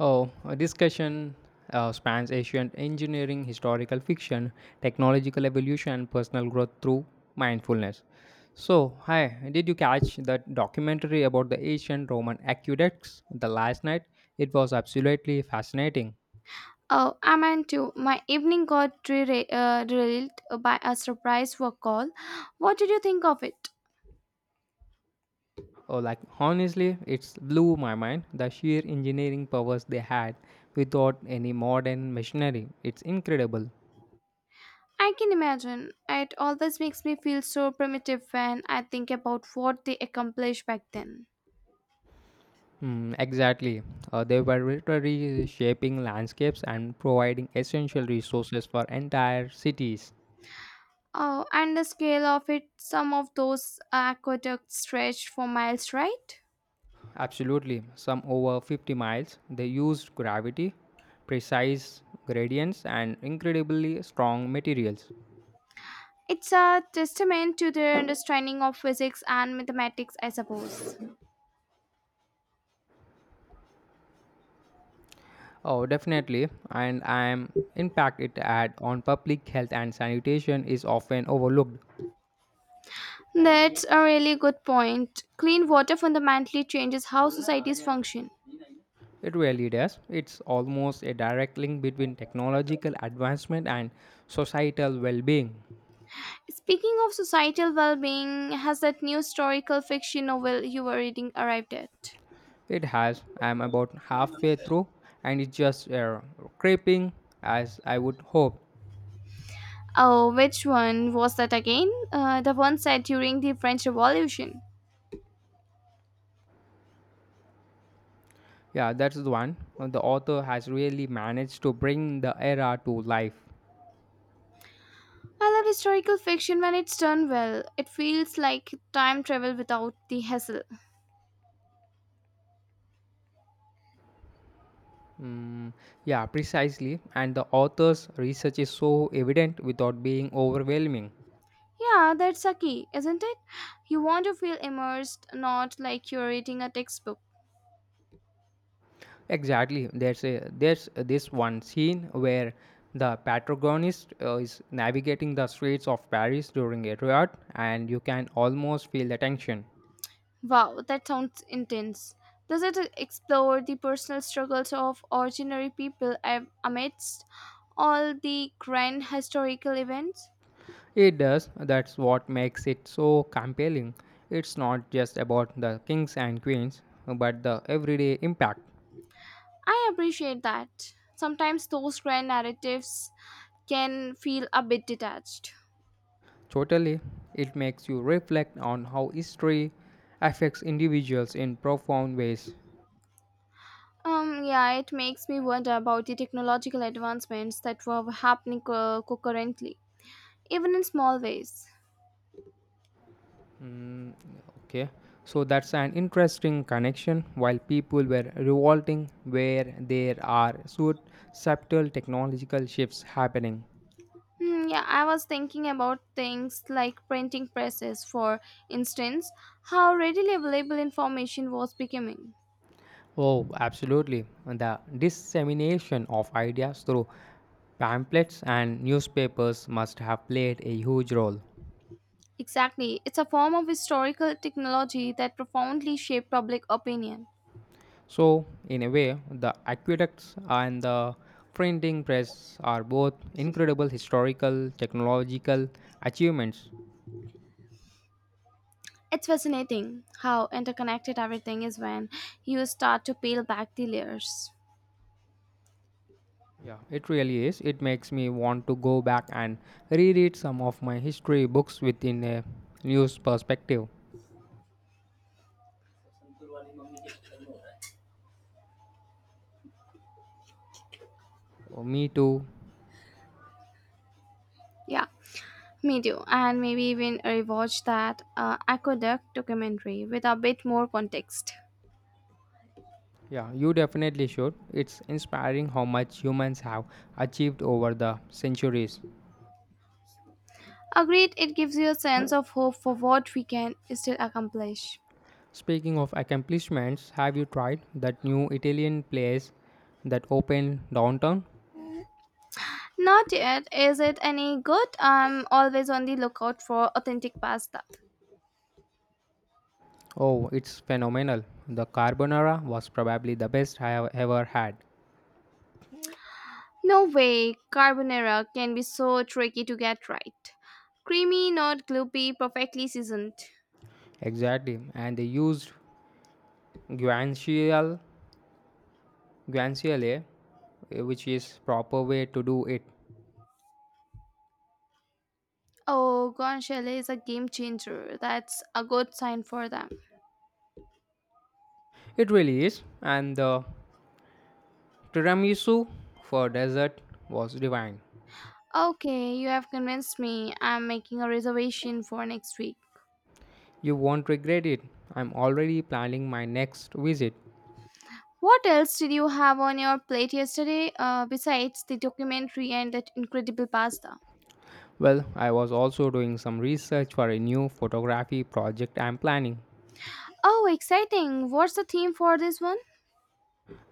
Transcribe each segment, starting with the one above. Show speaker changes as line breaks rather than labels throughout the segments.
Oh, a discussion spans ancient engineering, historical fiction, technological evolution, and personal growth through mindfulness. So, hi, did you catch that documentary about the ancient Roman aqueducts the last night? It was absolutely fascinating.
Oh, I am too. My evening got derailed by a surprise work call. What did you think of it?
Oh, like honestly, it blew my mind the sheer engineering powers they had without any modern machinery. It's incredible.
I can imagine. It always makes me feel so primitive when I think about what they accomplished back then.
Hmm, exactly. They were literally shaping landscapes and providing essential resources for entire cities.
Oh, and the scale of it, some of those aqueducts stretched for miles, right?
Absolutely. Some over 50 miles, they used gravity, precise gradients, and incredibly strong materials.
It's a testament to their understanding of physics and mathematics, I suppose.
Oh, definitely. And I'm impact it had on public health and sanitation is often overlooked.
That's a really good point. Clean water fundamentally changes how societies function.
It really does. It's almost a direct link between technological advancement and societal well-being.
Speaking of societal well being, has that new historical fiction novel you were reading arrived yet?
It has. I'm about halfway through and it's just creeping as I would hope.
Oh, which one was that again? The one set during the French Revolution.
Yeah, that's the one. The author has really managed to bring the era to life.
I love historical fiction when it's done well. It feels like time travel without the hassle.
Mm, yeah, precisely. And the author's research is so evident without being overwhelming.
Yeah, that's a key, isn't it? You want to feel immersed, not like you're reading a textbook.
Exactly. There's this one scene where the protagonist is navigating the streets of Paris during a riot, and you can almost feel the tension.
Wow, that sounds intense. Does it explore the personal struggles of ordinary people amidst all the grand historical events?
It does. That's what makes it so compelling. It's not just about the kings and queens, but the everyday impact.
I appreciate that. Sometimes those grand narratives can feel a bit detached.
Totally, it makes you reflect on how history affects individuals in profound ways.
Yeah, it makes me wonder about the technological advancements that were happening concurrently, even in small ways.
Mm, okay, so that's an interesting connection. While people were revolting, where there are subtle technological shifts happening.
Hmm, yeah, I was thinking about things like printing presses, for instance, how readily available information was becoming.
Oh, absolutely. The dissemination of ideas through pamphlets and newspapers must have played a huge role.
Exactly, it's a form of historical technology that profoundly shaped public opinion.
So, in a way, the aqueducts and the printing press are both incredible historical, technological achievements.
It's fascinating how interconnected everything is when you start to peel back the layers.
Yeah, it really is. It makes me want to go back and reread some of my history books within a news perspective. Oh, me too.
Yeah, me too. And maybe even rewatch that Aqueduct documentary with a bit more context.
Yeah, you definitely should. It's inspiring how much humans have achieved over the centuries.
Agreed, it gives you a sense of hope for what we can still accomplish.
Speaking of accomplishments, have you tried that new Italian place that opened downtown?
Not yet. Is it any good? I'm always on the lookout for authentic pasta.
Oh, it's phenomenal. The carbonara was probably the best I have ever had.
No way. Carbonara can be so tricky to get right. Creamy, not gloopy, perfectly seasoned.
Exactly, and they used guanciale, guanciale, which is proper way to do it.
Oh, guanciale is a game changer. That's a good sign for them.
It really is, and the tiramisu for dessert was divine.
Okay, you have convinced me. I'm making a reservation for next week.
You won't regret it. I'm already planning my next visit.
What else did you have on your plate yesterday besides the documentary and that incredible pasta?
Well, I was also doing some research for a new photography project I'm planning.
Oh, exciting. What's the theme for this one?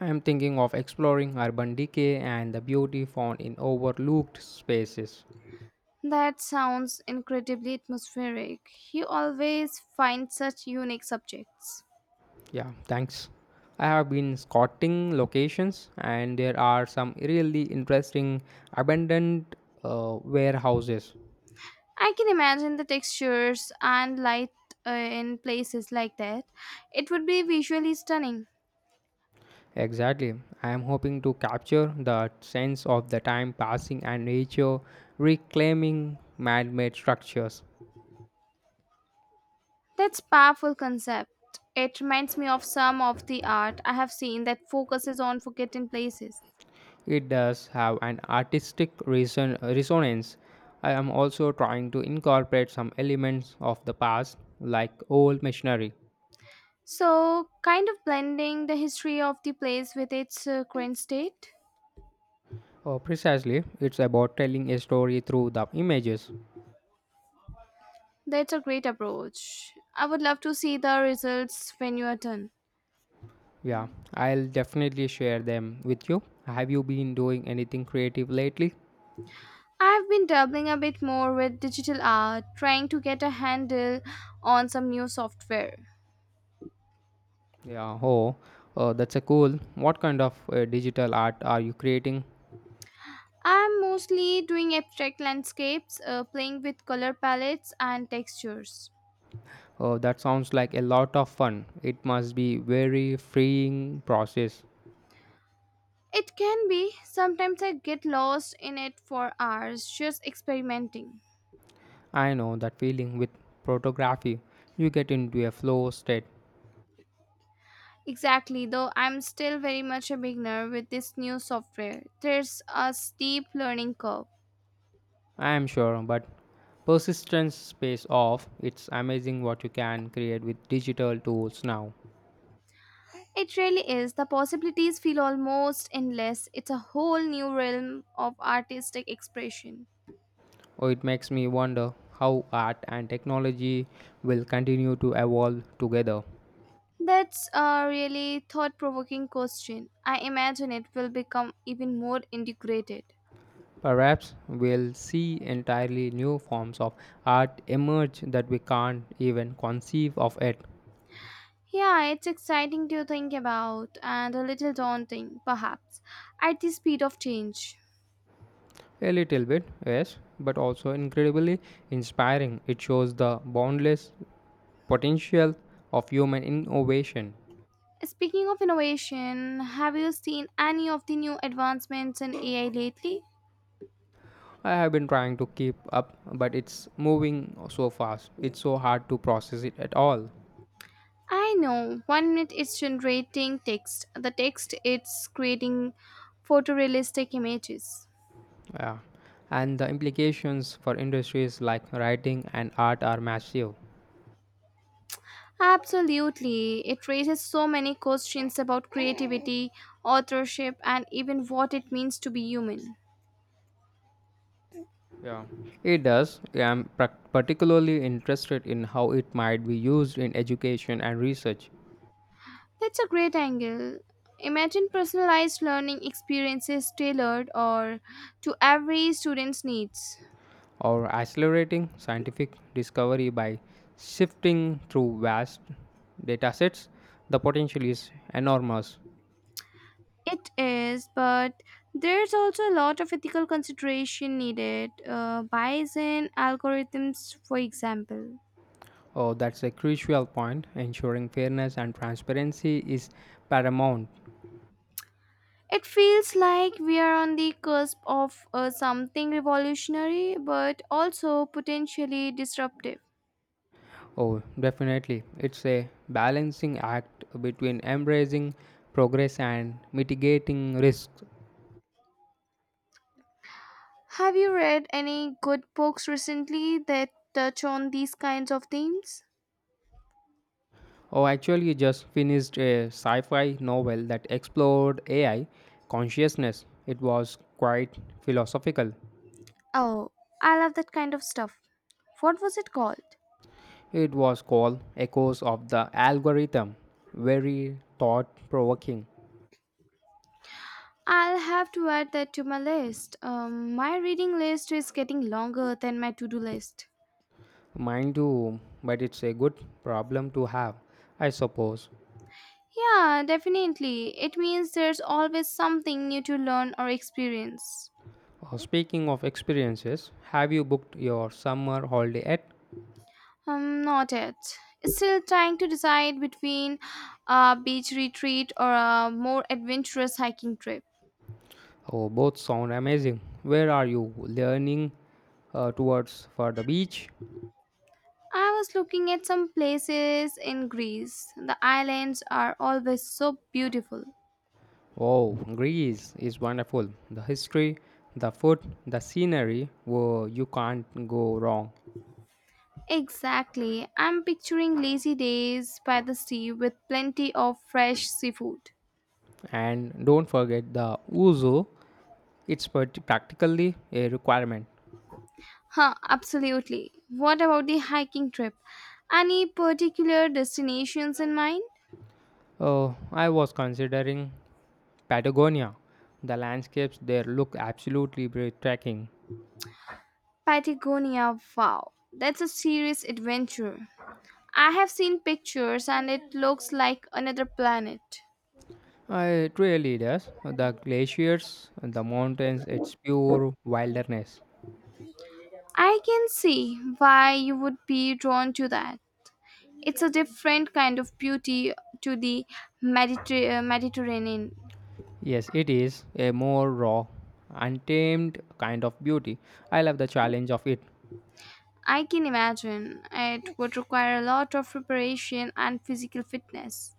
I'm thinking of exploring urban decay and the beauty found in overlooked spaces.
That sounds incredibly atmospheric. You always find such unique subjects.
Yeah, thanks. I have been scouting locations, and there are some really interesting abandoned warehouses.
I can imagine the textures and light in places like that. It would be visually stunning.
Exactly. I am hoping to capture the sense of the time passing and nature reclaiming man made structures.
That's powerful concept. It reminds me of some of the art I have seen that focuses on forgotten places.
It does have an artistic resonance. I am also trying to incorporate some elements of the past, like old machinery.
So, kind of blending the history of the place with its current state.
Oh, precisely, it's about telling a story through the images.
That's a great approach. I would love to see the results when you are done.
Yeah, I'll definitely share them with you. Have you been doing anything creative lately?
I've been dabbling a bit more with digital art, trying to get a handle on some new software.
Yeah, that's a cool. What kind of digital art are you creating?
I'm mostly doing abstract landscapes, playing with color palettes and textures.
That sounds like a lot of fun. It must be very freeing process.
It can be, sometimes I get lost in it for hours just experimenting.
I know that feeling with photography. You get into a flow state,
Exactly, though I'm still very much a beginner with this new software. There's a steep learning curve.
I am sure, but persistence pays off. It's amazing what you can create with digital tools now.
It really is. The possibilities feel almost endless. It's a whole new realm of artistic expression.
Oh, it makes me wonder how art and technology will continue to evolve together.
That's a really thought provoking question. I imagine it will become even more integrated.
Perhaps we'll see entirely new forms of art emerge that we can't even conceive of it.
Yeah, it's exciting to think about and a little daunting, perhaps, at the speed of change.
A little bit, yes, but also incredibly inspiring. It shows the boundless potential of human innovation.
Speaking of innovation, have you seen any of the new advancements in AI lately?
I have been trying to keep up, but it's moving so fast. It's so hard to process it at all.
I know. One minute it's generating text, the text it's creating photorealistic images.
Yeah. And the implications for industries like writing and art are massive.
Absolutely. It raises so many questions about creativity, authorship, and even what it means to be human.
Yeah, it does. I'm particularly interested in how it might be used in education and research,
That's a great angle. Imagine personalized learning experiences tailored or to every student's needs.
or accelerating scientific discovery by sifting through vast datasets. The potential is enormous.
It is, but there's also a lot of ethical consideration needed. Bias in algorithms, for example.
Oh, that's a crucial point. Ensuring fairness and transparency is paramount.
It feels like we are on the cusp of something revolutionary, but also potentially disruptive.
Oh, definitely. It's a balancing act between embracing progress and mitigating risks.
Have you read any good books recently that touch on these kinds of themes?
Oh, actually, just finished a sci fi novel that explored AI consciousness. It was quite philosophical.
Oh, I love that kind of stuff. What was it called?
It was called Echoes of the Algorithm. Very thought provoking.
I'll have to add that to my list. My reading list is getting longer than my to do list.
Mind you, but it's a good problem to have, I suppose.
Yeah, definitely. It means there's always something new to learn or experience.
Speaking of experiences, have you booked your summer holiday yet?
Not it. Still trying to decide between a beach retreat or a more adventurous hiking trip.
Oh, both sound amazing. Where are you learning towards for the beach?
I was looking at some places in Greece. The islands are always so beautiful.
Oh, Greece is wonderful. The history, the food, the scenery, whoa, you can't go wrong.
Exactly. I'm picturing lazy days by the sea with plenty of fresh seafood.
And don't forget the ouzo, it's practically a requirement.
Huh, absolutely. What about the hiking trip? Any particular destinations in mind?
Oh, I was considering Patagonia. The landscapes there look absolutely breathtaking.
Patagonia, wow. That's a serious adventure. I have seen pictures and it looks like another planet.
It really does. The glaciers, the mountains, it's pure wilderness.
I can see why you would be drawn to that. It's a different kind of beauty to the Mediterranean.
Yes, it is a more raw, untamed kind of beauty. I love the challenge of it
I can imagine. It would require a lot of preparation and physical fitness.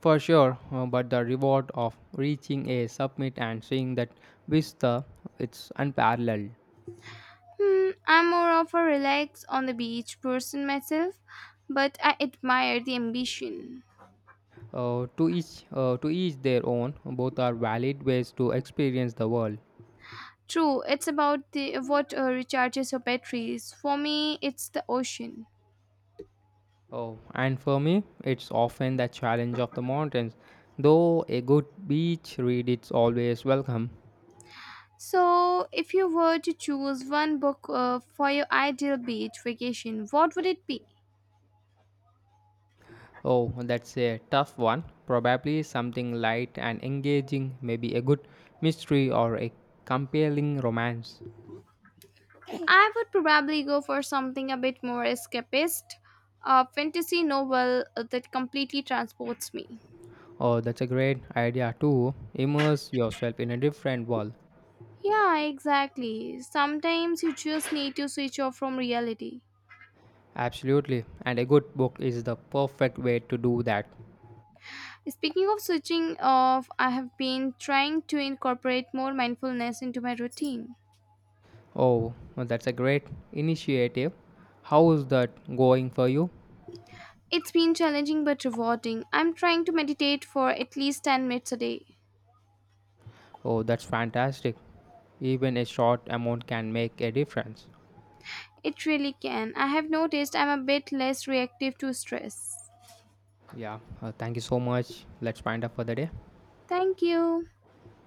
for sure, but the reward of reaching a summit and seeing that vista, it's unparalleled.
Hmm, I'm more of a relax on the beach person myself, but I admire the ambition.
To each, to each their own. Both are valid ways to experience the world.
True, it's about the what recharges your batteries. For me, it's the ocean.
Oh, and for me, it's often the challenge of the mountains. Though a good beach read is always welcome.
So, if you were to choose one book for your ideal beach vacation, what would it be?
Oh, that's a tough one. Probably something light and engaging, maybe a good mystery or a compelling romance.
I would probably go for something a bit more escapist, a fantasy novel that completely transports me.
Oh, that's a great idea too. Immerse yourself in a different world.
Yeah, exactly. Sometimes you just need to switch off from reality.
Absolutely, and a good book is the perfect way to do that.
Speaking of switching off, I have been trying to incorporate more mindfulness into my routine.
Oh, that's a great initiative. How is that going for you?
It's been challenging but rewarding. I'm trying to meditate for at least 10 minutes a day.
Oh, that's fantastic. Even a short amount can make a difference.
It really can. I have noticed I'm a bit less reactive to stress.
Yeah, thank you so much. Let's wind up for the day.
Thank you.